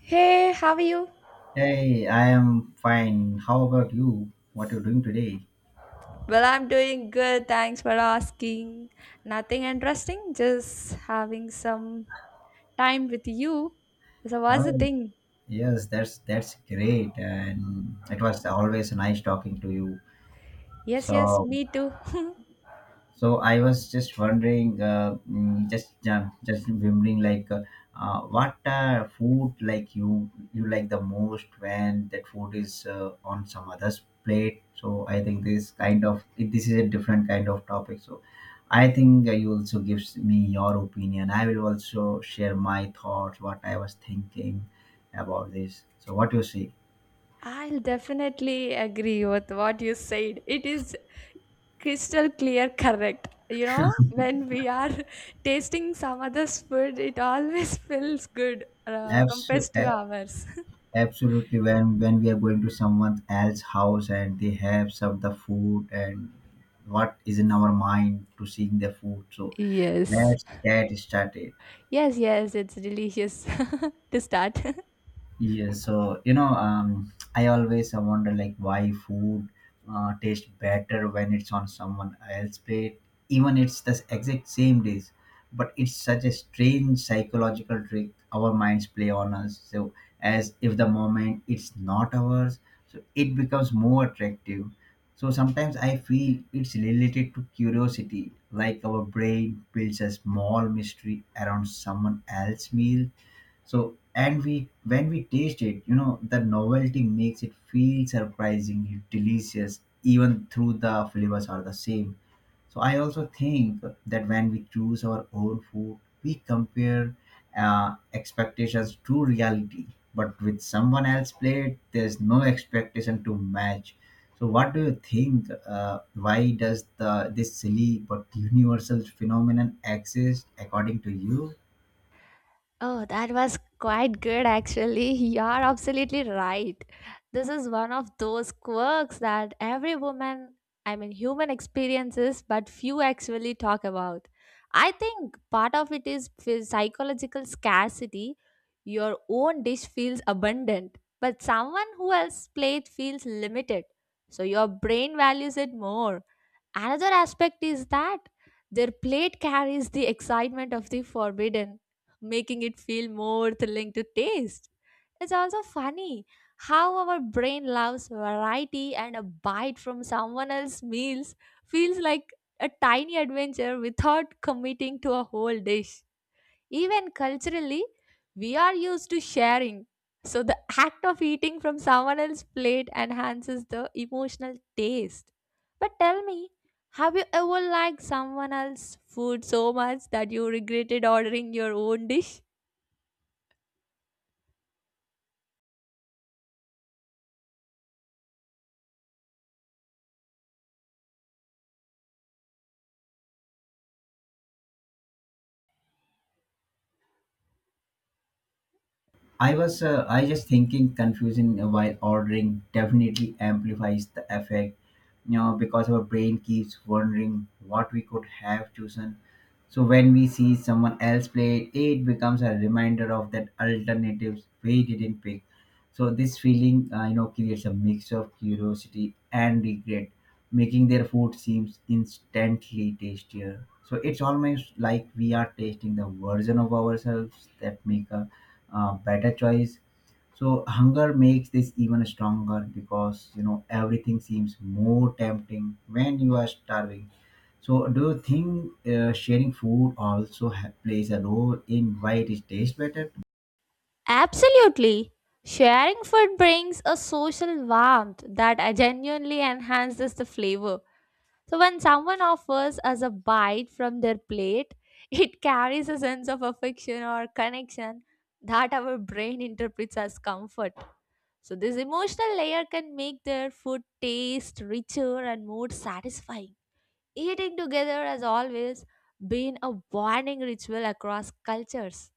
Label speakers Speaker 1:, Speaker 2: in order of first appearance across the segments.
Speaker 1: Hey, how are you?
Speaker 2: Hey, I am fine. How about you? What you doing today?
Speaker 1: Well, I'm doing good. Thanks for asking. Nothing interesting, just having some time with you. So, what's the
Speaker 2: Oh,
Speaker 1: thing?
Speaker 2: yes, that's great, and it was always nice talking to you.
Speaker 1: Yes,
Speaker 2: So
Speaker 1: me too.
Speaker 2: So I was just wondering, just remembering, like, what food like you like the most when that food is on some other's plate. So I think this is a different kind of topic. So I think you also gives me your opinion. I will also share my thoughts, what I was thinking about this. So what you see?
Speaker 1: I'll definitely agree with what you said. It is crystal clear, correct. You know, when we are tasting some other's food, it always feels good compared
Speaker 2: Absolutely,
Speaker 1: to ours.
Speaker 2: absolutely, when we are going to someone else's house and they have served the food, and what is in our mind to seeing the food, so
Speaker 1: Yes.
Speaker 2: let's get started.
Speaker 1: Yes, it's delicious to start.
Speaker 2: Yeah, so I always wonder like why food tastes better when it's on someone else's plate, even it's the exact same dish. But it's such a strange psychological trick our minds play on us. So as if the moment it's not ours, so it becomes more attractive. So sometimes I feel it's related to curiosity, like our brain builds a small mystery around someone else's meal, so and we when we taste it, you know, the novelty makes it feel surprisingly delicious, even through the flavors are the same. So I also think that when we choose our own food, we compare expectations to reality. But with someone else's plate, there's no expectation to match. So what do you think? Why does the this silly but universal phenomenon exist according to you?
Speaker 1: Oh, that was quite good actually. You're absolutely right. This is one of those quirks that every woman, I mean, human experiences, but few actually talk about. I think part of it is psychological scarcity. Your own dish feels abundant, but someone who else's plate feels limited. So your brain values it more. Another aspect is that their plate carries the excitement of the forbidden, making it feel more thrilling to taste. It's also funny how our brain loves variety, and a bite from someone else's meals feels like a tiny adventure without committing to a whole dish. Even culturally, we are used to sharing. So the act of eating from someone else's plate enhances the emotional taste. But tell me, have you ever liked someone else's food so much that you regretted ordering your own dish?
Speaker 2: I was I just thinking confusing while ordering definitely amplifies the effect, you know, because our brain keeps wondering what we could have chosen. So when we see someone else play it, it becomes a reminder of that alternatives we didn't pick. So this feeling, you know, creates a mix of curiosity and regret, making their food seems instantly tastier. So it's almost like we are tasting the version of ourselves that make a better choice. So hunger makes this even stronger because you know everything seems more tempting when you are starving. So do you think sharing food also plays a role in why it tastes better?
Speaker 1: Absolutely. Sharing food brings a social warmth that genuinely enhances the flavor. So when someone offers us a bite from their plate, it carries a sense of affection or connection that our brain interprets as comfort. So this emotional layer can make their food taste richer and more satisfying. Eating together has always been a bonding ritual across cultures.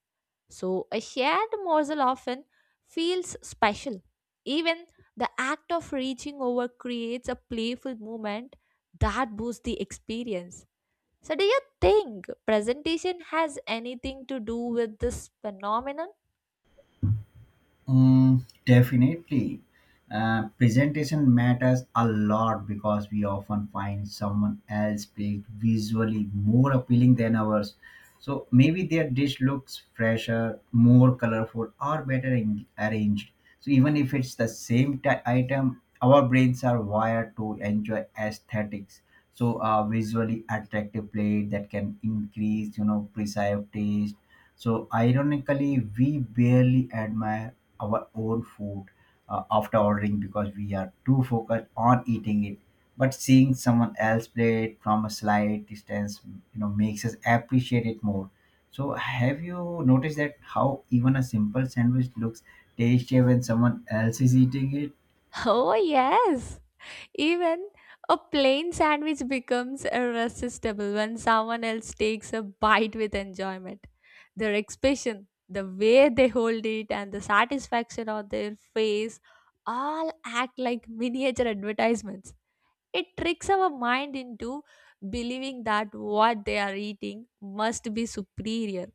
Speaker 1: So a shared morsel often feels special. Even the act of reaching over creates a playful moment that boosts the experience. So do you think presentation has anything to do with this phenomenon?
Speaker 2: Mm, definitely. Presentation matters a lot because we often find someone else plate visually more appealing than ours. So maybe their dish looks fresher, more colorful, or better arranged. So even if it's the same item, our brains are wired to enjoy aesthetics. So a visually attractive plate that can increase, you know, perceived taste. So ironically, we barely admire our own food after ordering because we are too focused on eating it, but seeing someone else play it from a slight distance, you know, makes us appreciate it more. So have you noticed that how even a simple sandwich looks tasty when someone else is eating it?
Speaker 1: Oh yes. Even a plain sandwich becomes irresistible when someone else takes a bite with enjoyment. Their expression, the way they hold it, and the satisfaction on their face all act like miniature advertisements. It tricks our mind into believing that what they are eating must be superior.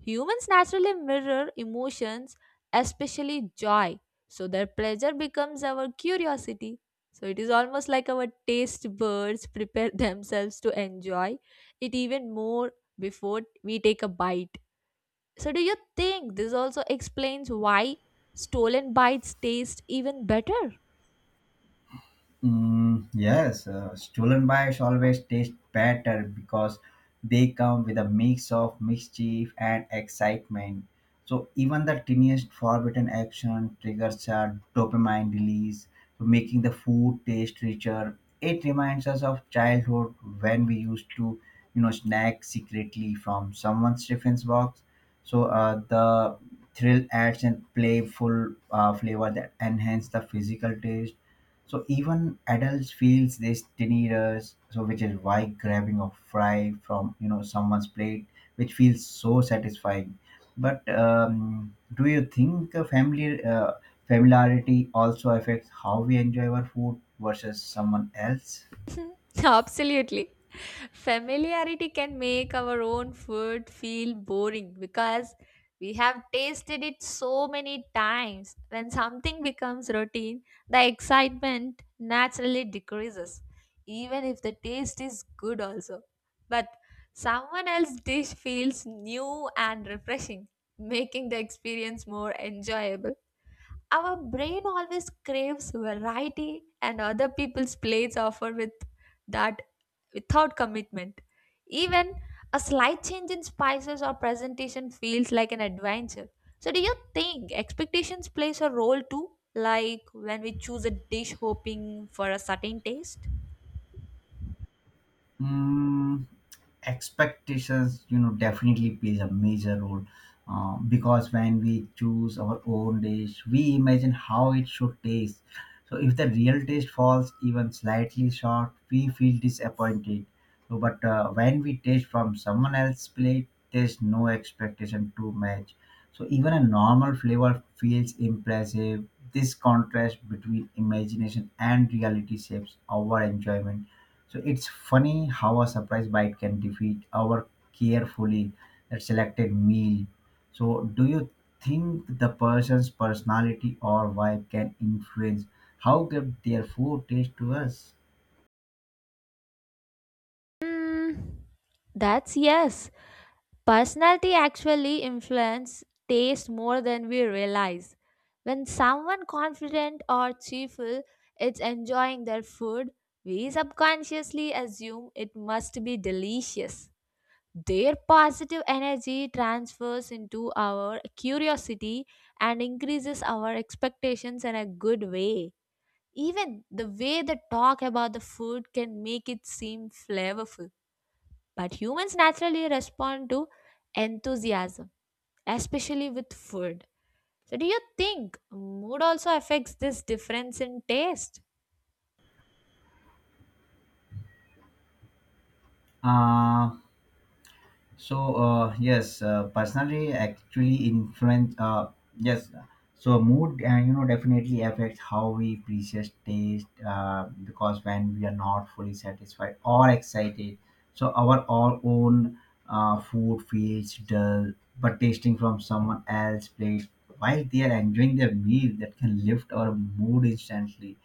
Speaker 1: Humans naturally mirror emotions, especially joy, so their pleasure becomes our curiosity. So it is almost like our taste buds prepare themselves to enjoy it even more before we take a bite. So, do you think this also explains why stolen bites taste even better?
Speaker 2: Mm, yes, stolen bites always taste better because they come with a mix of mischief and excitement. So even the tiniest forbidden action triggers a dopamine release, so making the food taste richer. It reminds us of childhood when we used to, you know, snack secretly from someone's Stephen's box. So the thrill adds and playful flavor that enhance the physical taste, so even adults feels this tiny rush, so which is why grabbing a fry from you know someone's plate, which feels so satisfying. But do you think a family familiarity also affects how we enjoy our food versus someone else?
Speaker 1: Absolutely. Familiarity can make our own food feel boring because we have tasted it so many times. When something becomes routine, the excitement naturally decreases, even if the taste is good, also. But someone else's dish feels new and refreshing, making the experience more enjoyable. Our brain always craves variety, and other people's plates offer with that without commitment. Even a slight change in spices or presentation feels like an adventure. So, do you think expectations plays a role too? Like when we choose a dish hoping for a certain taste?
Speaker 2: Mm, expectations, you know, definitely plays a major role because when we choose our own dish, we imagine how it should taste. So if the real taste falls even slightly short, we feel disappointed. So, but when we taste from someone else's plate, there's no expectation to match. So even a normal flavor feels impressive. This contrast between imagination and reality shapes our enjoyment. So it's funny how a surprise bite can defeat our carefully selected meal. So do you think the person's personality or vibe can influence how good their food tastes to us?
Speaker 1: Mm, that's yes. Personality actually influences taste more than we realize. When someone confident or cheerful is enjoying their food, we subconsciously assume it must be delicious. Their positive energy transfers into our curiosity and increases our expectations in a good way. Even the way they talk about the food can make it seem flavorful. But humans naturally respond to enthusiasm, especially with food. So, do you think mood also affects this difference in taste?
Speaker 2: Uh, yes, personally, actually influence. Yes, so mood, you know, definitely affects how we appreciate taste. Because when we are not fully satisfied or excited, so our all own food feels dull. But tasting from someone else's plate while they are enjoying their meal, that can lift our mood instantly,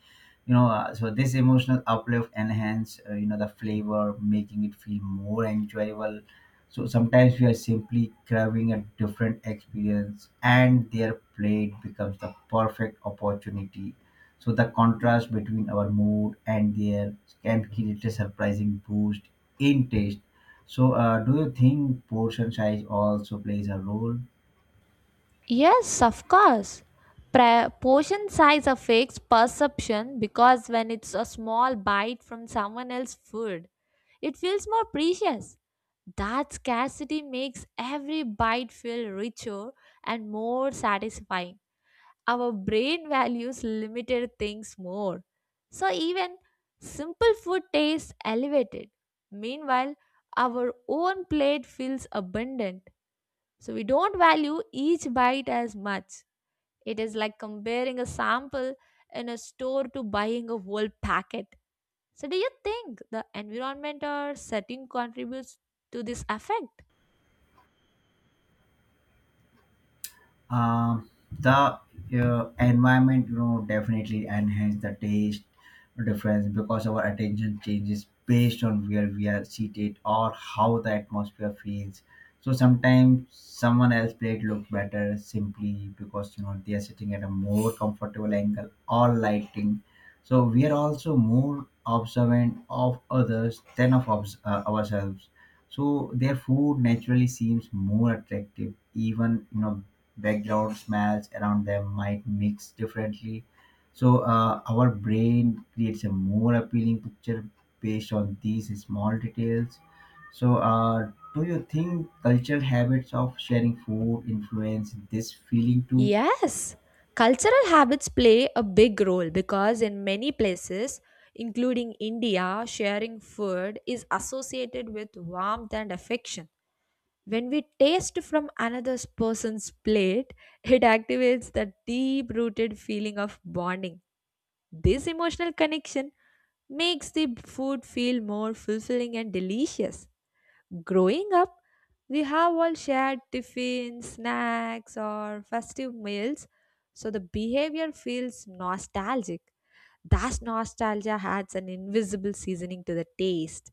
Speaker 2: you know. So this emotional uplift enhance, you know, the flavor, making it feel more enjoyable. So sometimes we are simply craving a different experience, and their plate becomes the perfect opportunity. So the contrast between our mood and their can create a surprising boost in taste. So do you think portion size also plays a role?
Speaker 1: Yes, of course. Portion size affects perception, because when it's a small bite from someone else's food, it feels more precious. That scarcity makes every bite feel richer and more satisfying. Our brain values limited things more. So even simple food tastes elevated. Meanwhile, our own plate feels abundant. So we don't value each bite as much. It is like comparing a sample in a store to buying a whole packet. So do you think the environment or setting contributes to this effect?
Speaker 2: Um, the environment, you know, definitely enhance the taste difference because our attention changes based on where we are seated or how the atmosphere feels. So sometimes someone else plate look better simply because you know they are sitting at a more comfortable angle or lighting. So we are also more observant of others than of ourselves. So their food naturally seems more attractive, even you know background smells around them might mix differently. So our brain creates a more appealing picture based on these small details. So do you think cultural habits of sharing food influence this feeling too?
Speaker 1: Yes, cultural habits play a big role, because in many places, including India, sharing food is associated with warmth and affection. When we taste from another person's plate, it activates the deep rooted feeling of bonding. This emotional connection makes the food feel more fulfilling and delicious. Growing up, we have all shared tiffins, snacks, or festive meals, so the behavior feels nostalgic. That nostalgia adds an invisible seasoning to the taste.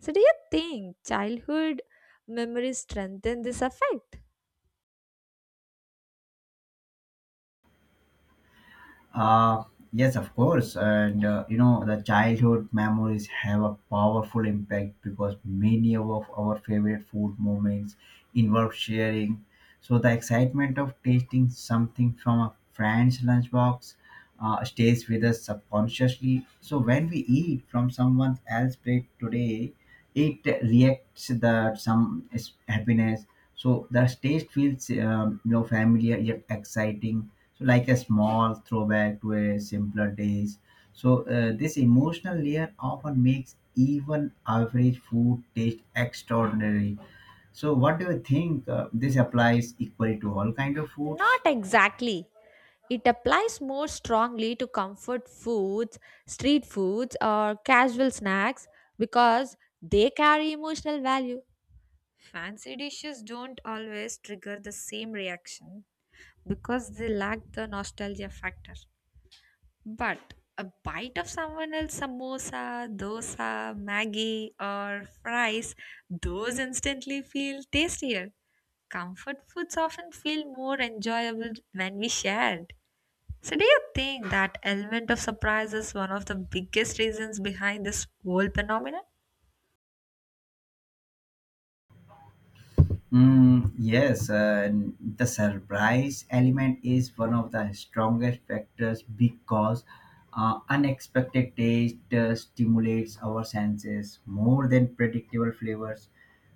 Speaker 1: So, do you think childhood memories strengthen this effect?
Speaker 2: Uh, yes, of course. And you know, the childhood memories have a powerful impact because many of our favorite food moments involve sharing. So the excitement of tasting something from a friend's lunchbox stays with us subconsciously. So when we eat from someone else's plate today, it reacts that some is happiness. So the taste feels you know, familiar yet exciting, so like a small throwback to a simpler days. So this emotional layer often makes even average food taste extraordinary. So what do you think? This applies equally to all kind of foods?
Speaker 1: Not exactly. It applies more strongly to comfort foods, street foods, or casual snacks, because they carry emotional value. Fancy dishes don't always trigger the same reaction because they lack the nostalgia factor. But a bite of someone else's samosa, dosa, maggi, or fries, those instantly feel tastier. Comfort foods often feel more enjoyable when we shared. So, do you think that element of surprise is one of the biggest reasons behind this whole phenomenon?
Speaker 2: Mm, yes, and the surprise element is one of the strongest factors because unexpected taste stimulates our senses more than predictable flavors.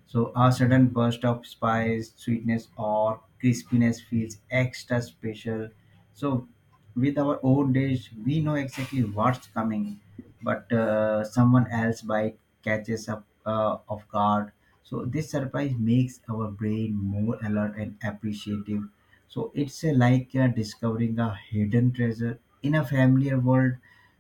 Speaker 2: So, a sudden burst of spice, sweetness, or crispiness feels extra special. So, with our own days, we know exactly what's coming, but someone else bike catches up off guard. So this surprise makes our brain more alert and appreciative. So it's like discovering a hidden treasure in a familiar world.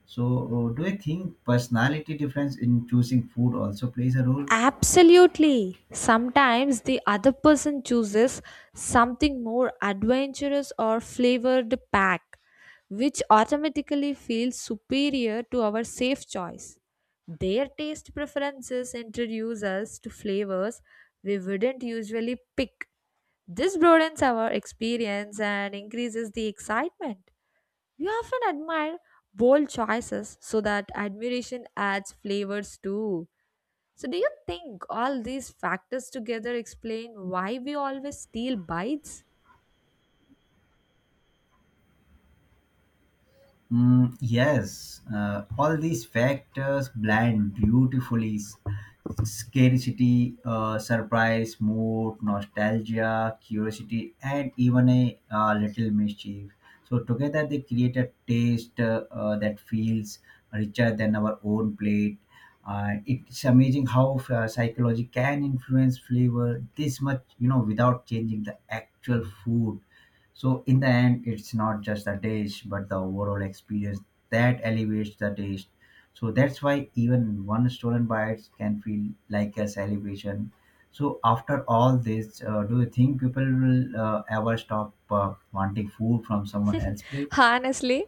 Speaker 2: So do you think personality difference in choosing food also plays a role?
Speaker 1: Absolutely. Sometimes the other person chooses something more adventurous or flavored pack, which automatically feels superior to our safe choice. Their taste preferences introduce us to flavors we wouldn't usually pick. This broadens our experience and increases the excitement. We often admire bold choices, so that admiration adds flavors too. So, do you think all these factors together explain why we always steal bites?
Speaker 2: Mm, yes, all these factors blend beautifully. Scarcity, surprise, mood, nostalgia, curiosity, and even a little mischief. So, together they create a taste that feels richer than our own plate. And it's amazing how psychology can influence flavor this much, you know, without changing the actual food. So in the end, it's not just the taste, but the overall experience that elevates the taste. So that's why even one stolen bites can feel like a celebration. So after all this, do you think people will ever stop wanting food from someone else's plate?
Speaker 1: Honestly,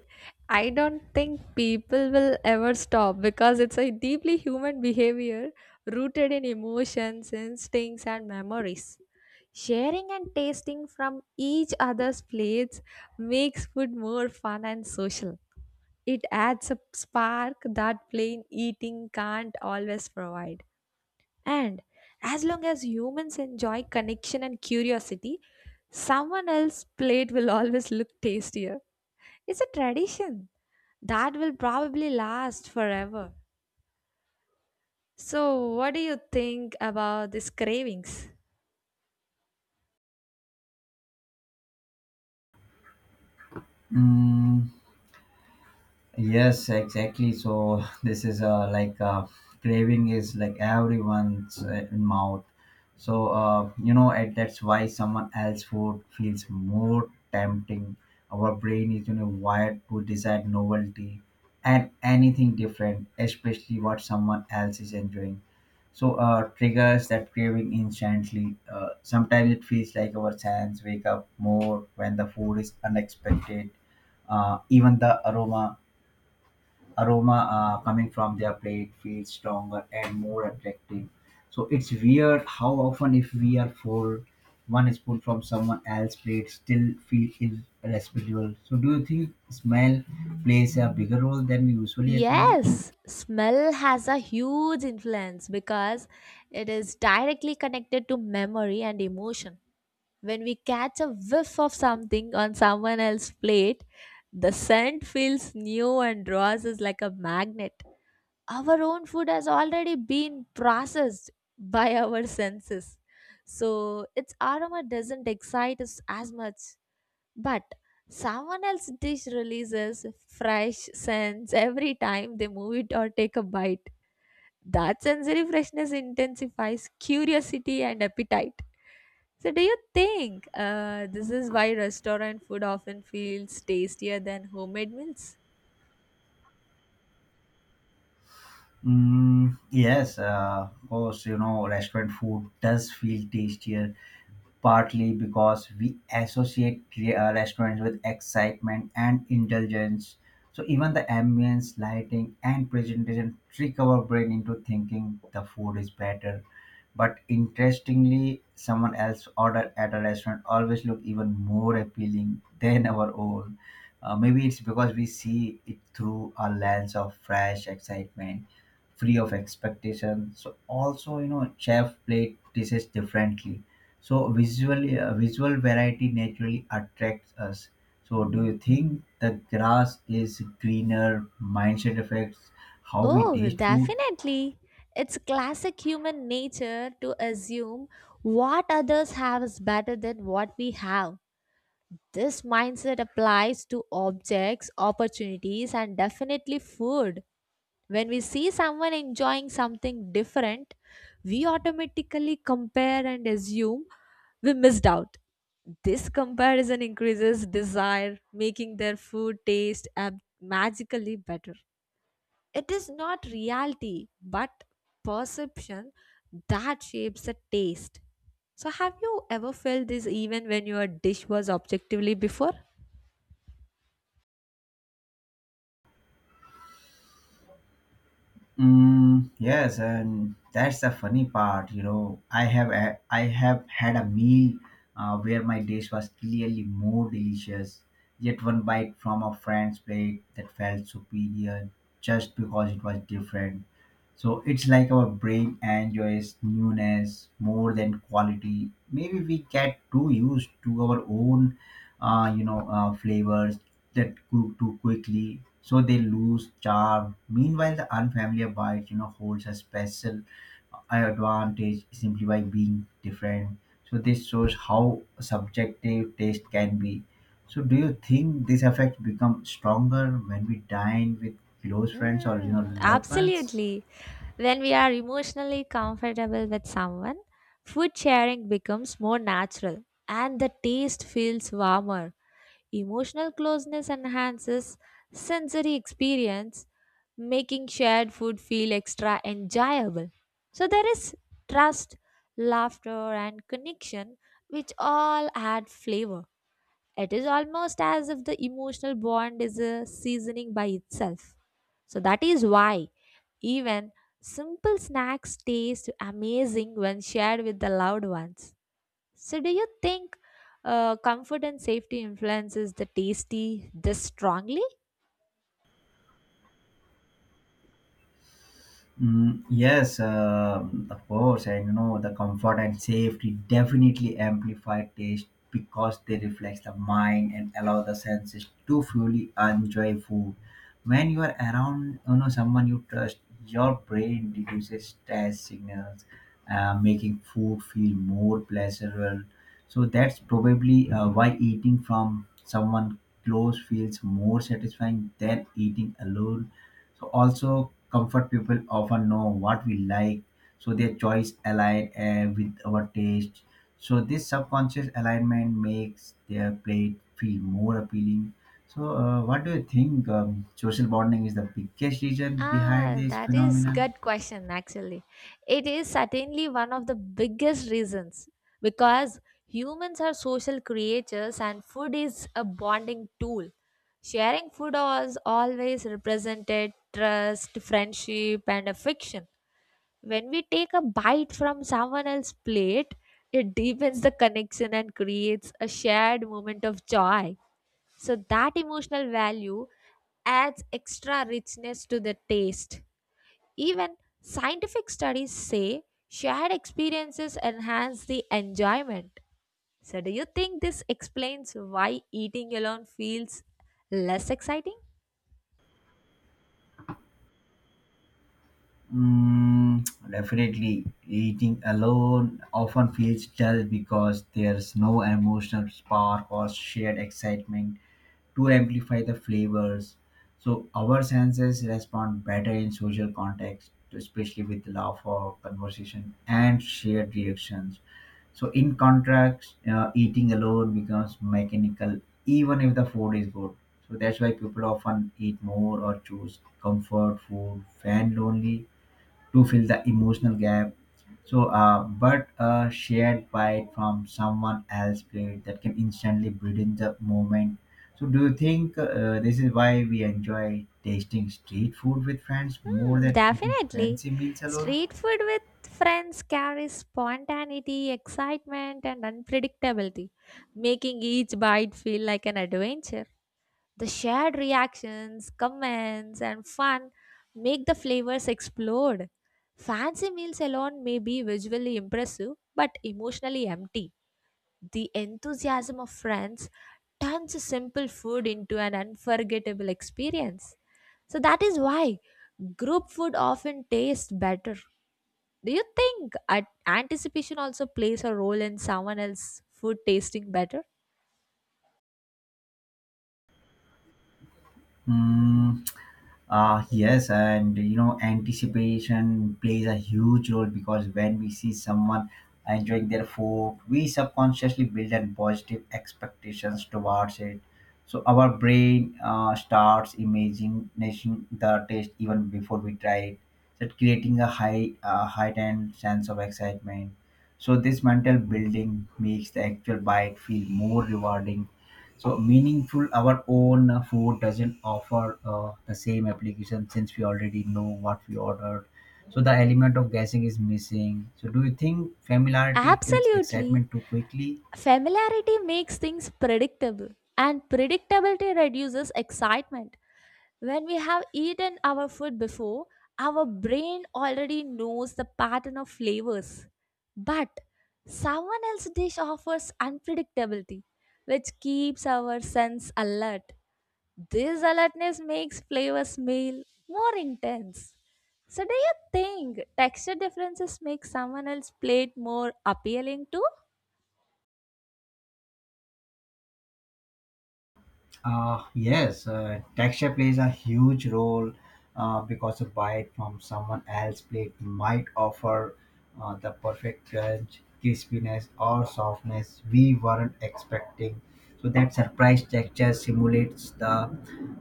Speaker 1: I don't think people will ever stop, because it's a deeply human behavior rooted in emotions, instincts, and memories. Sharing and tasting from each other's plates makes food more fun and social. It adds a spark that plain eating can't always provide. And as long as humans enjoy connection and curiosity, someone else's plate will always look tastier. It's a tradition that will probably last forever. So, what do you think about these cravings?
Speaker 2: Mm, yes, exactly. So this is like craving is like everyone's mouth. So you know, and that's why someone else food feels more tempting. Our brain is you know wired to desire novelty and anything different, especially what someone else is enjoying. So triggers that craving instantly. Sometimes it feels like our senses wake up more when the food is unexpected. Even the aroma coming from their plate feels stronger and more attractive. So it's weird how often if we are full, one spoon from someone else's plate still feel irresistible. So do you think smell plays a bigger role than we usually acknowledge?
Speaker 1: Yes, smell has a huge influence because it is directly connected to memory and emotion. When we catch a whiff of something on someone else's plate, the scent feels new and draws us like a magnet. Our own food has already been processed by our senses. So its aroma doesn't excite us as much. But someone else's dish releases fresh scents every time they move it or take a bite. That sensory freshness intensifies curiosity and appetite. So, do you think this is why restaurant food often feels tastier than homemade meals?
Speaker 2: Mm, yes, of course, you know, restaurant food does feel tastier partly because we associate restaurants with excitement and indulgence. So even the ambience, lighting, and presentation trick our brain into thinking the food is better. But interestingly, someone else order at a restaurant always look even more appealing than our own. Maybe it's because we see it through a lens of fresh excitement, free of expectation. So also, you know, chef played dishes differently, so visual, visual variety naturally attracts us. So do you think the grass is greener, mindset affects how we
Speaker 1: Oh,
Speaker 2: taste food?
Speaker 1: definitely. It's classic human nature to assume what others have is better than what we have. This mindset applies to objects, opportunities, and definitely food. When we see someone enjoying something different, we automatically compare and assume we missed out. This comparison increases desire, making their food taste magically better. It is not reality, but perception that shapes the taste. So, have you ever felt this even when your dish was objectively before?
Speaker 2: Mm, yes, and that's the funny part. You know, I have had a meal where my dish was clearly more delicious, yet one bite from a friend's plate that felt superior just because it was different. So it's like our brain enjoys newness more than quality. Maybe we get too used to our own, flavors that cook too quickly, so they lose charm. Meanwhile, the unfamiliar bite, holds a special advantage simply by being different. So this shows how subjective taste can be. So do you think this effect become stronger when we dine with close friends or
Speaker 1: Mm,
Speaker 2: loved ones?
Speaker 1: absolutely. When we are emotionally comfortable with someone, food sharing becomes more natural and the taste feels warmer. Emotional closeness enhances sensory experience, making shared food feel extra enjoyable. So there is trust, laughter, and connection, which all add flavor. It is almost as if the emotional bond is a seasoning by itself. So that is why even simple snacks taste amazing when shared with the loved ones. So do you think comfort and safety influences the tasty this strongly?
Speaker 2: Yes, of course, and the comfort and safety definitely amplify taste because they reflect the mind and allow the senses to fully enjoy food. When you are around, someone you trust, your brain reduces stress signals, making food feel more pleasurable. So that's probably why eating from someone close feels more satisfying than eating alone. So also comfort people often know what we like, so their choice align with our taste. So this subconscious alignment makes their plate feel more appealing. So what do you think? Social bonding is the biggest reason behind
Speaker 1: Ah,
Speaker 2: this
Speaker 1: that is
Speaker 2: phenomenon.
Speaker 1: good question actually. It is certainly one of the biggest reasons because humans are social creatures and food is a bonding tool. Sharing food has always represented trust, friendship and affection. When we take a bite from someone else's plate, it deepens the connection and creates a shared moment of joy. So that emotional value adds extra richness to the taste. Even scientific studies say shared experiences enhance the enjoyment. So, do you think this explains why eating alone feels less exciting?
Speaker 2: Definitely, eating alone often feels dull because there's no emotional spark or shared excitement to amplify the flavors. So our senses respond better in social context, especially with laugh or conversation and shared reactions. So in contrast, eating alone becomes mechanical, even if the food is good. So that's why people often eat more or choose comfort food when lonely to fill the emotional gap. So, but a shared bite from someone else's plate that can instantly brighten the moment. So, do you think this is why we enjoy tasting street food with friends more
Speaker 1: Hmm,
Speaker 2: than eating
Speaker 1: definitely.
Speaker 2: fancy meals alone?
Speaker 1: Street food with friends carries spontaneity, excitement, and unpredictability, making each bite feel like an adventure. The shared reactions, comments, and fun make the flavors explode. Fancy meals alone may be visually impressive but emotionally empty. The enthusiasm of friends turns simple food into an unforgettable experience. So that is why group food often tastes better. Do you think anticipation also plays a role in someone else's food tasting better?
Speaker 2: Hmm. Yes, and anticipation plays a huge role because when we see someone enjoying their food, we subconsciously build in positive expectations towards it. So our brain starts imagining the taste even before we try it, that creating a heightened sense of excitement. So this mental building makes the actual bite feel more rewarding, so meaningful our own food doesn't offer the same application since we already know what we ordered. So the element of guessing is missing. So do you think familiarity kills
Speaker 1: Absolutely.
Speaker 2: excitement too quickly?
Speaker 1: Familiarity makes things predictable, and predictability reduces excitement. When we have eaten our food before, our brain already knows the pattern of flavors. But someone else's dish offers unpredictability, which keeps our sense alert. This alertness makes flavor smell more intense. So, do you think texture differences make someone else's plate more appealing too?
Speaker 2: Yes, texture plays a huge role because a bite from someone else's plate might offer the perfect crunch, crispiness, or softness we weren't expecting. So that surprise texture simulates the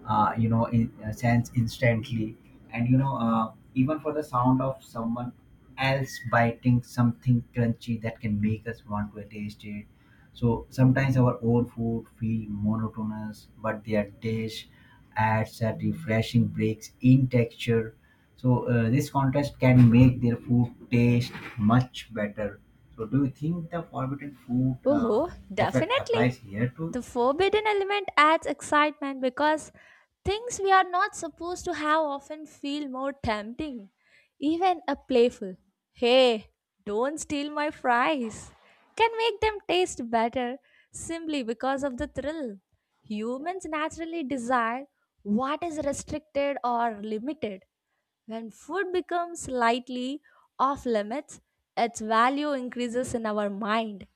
Speaker 2: sense instantly, and even for the sound of someone else biting something crunchy that can make us want to taste it. So sometimes our own food feel monotonous, but their dish adds a refreshing breaks in texture. So this contrast can make their food taste much better. So do you think the forbidden food
Speaker 1: Oh,
Speaker 2: effect
Speaker 1: definitely.
Speaker 2: applies here too?
Speaker 1: The forbidden element adds excitement because things we are not supposed to have often feel more tempting. Even a playful, "Hey, don't steal my fries," can make them taste better simply because of the thrill. Humans naturally desire what is restricted or limited. When food becomes slightly off limits, its value increases in our mind.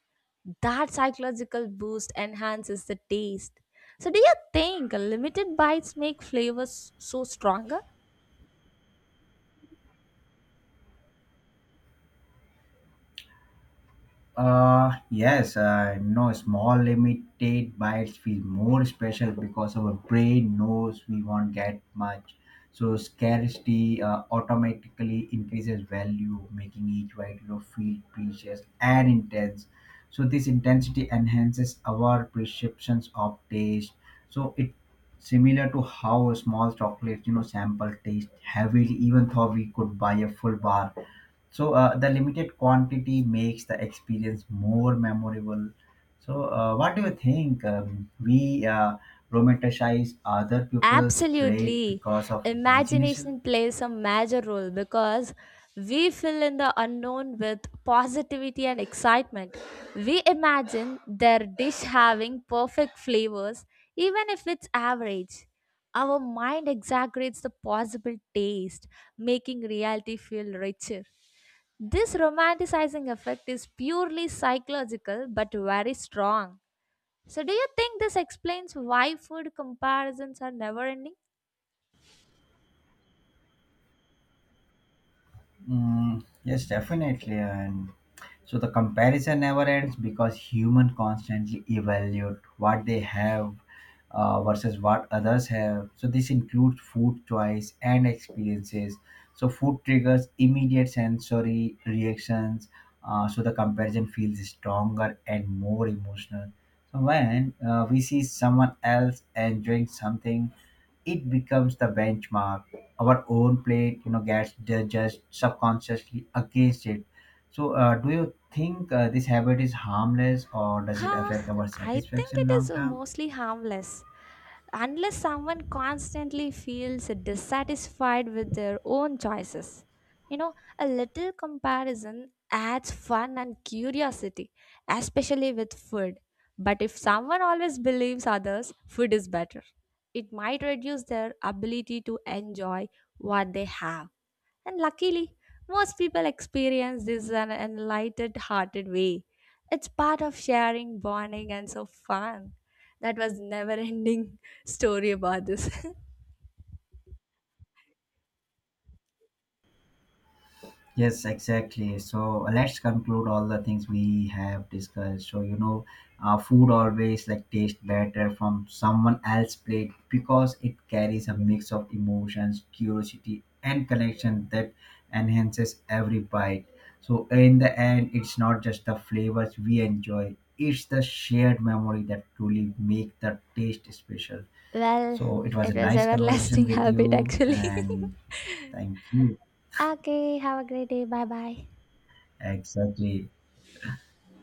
Speaker 1: That psychological boost enhances the taste. So, do you think limited bites make flavors so stronger?
Speaker 2: Yes, I know small limited bites feel more special because our brain knows we won't get much. So scarcity automatically increases value, making each bite, feel precious and intense. So this intensity enhances our perceptions of taste. So it similar to how a small chocolate, sample taste heavily, even though we could buy a full bar. So the limited quantity makes the experience more memorable. So what do you think? We romanticize other people's plate
Speaker 1: Absolutely.
Speaker 2: because of imagination.
Speaker 1: Imagination plays a major role because we fill in the unknown with positivity and excitement. We imagine their dish having perfect flavors, even if it's average. Our mind exaggerates the possible taste, making reality feel richer. This romanticizing effect is purely psychological but very strong. So, do you think this explains why food comparisons are never ending?
Speaker 2: Yes, definitely. And so the comparison never ends because human constantly evaluate what they have versus what others have. So this includes food choice and experiences. So food triggers immediate sensory reactions. So the comparison feels stronger and more emotional. So when we see someone else enjoying something, it becomes the benchmark. Our own plate, gets judged subconsciously against it. So do you think this habit is harmless or does it affect
Speaker 1: Huh,
Speaker 2: our
Speaker 1: I think
Speaker 2: satisfaction
Speaker 1: it is
Speaker 2: long term?
Speaker 1: mostly harmless. Unless someone constantly feels dissatisfied with their own choices. You know, a little comparison adds fun and curiosity, especially with food. But if someone always believes others, food is better. It might reduce their ability to enjoy what they have. And luckily, most people experience this in an lighted hearted way. It's part of sharing, bonding, and so fun. That was never ending story about this.
Speaker 2: Yes, exactly. So let's conclude all the things we have discussed. So, food always like tastes better from someone else's plate because it carries a mix of emotions, curiosity, and connection that enhances every bite. So, in the end, it's not just the flavors we enjoy, it's the shared memory that truly make the taste special.
Speaker 1: Well,
Speaker 2: So, it was
Speaker 1: it
Speaker 2: a
Speaker 1: was
Speaker 2: nice conversation
Speaker 1: everlasting
Speaker 2: with
Speaker 1: habit
Speaker 2: you,
Speaker 1: actually.
Speaker 2: and thank you.
Speaker 1: Okay, have a great day. Bye bye.
Speaker 2: Exactly.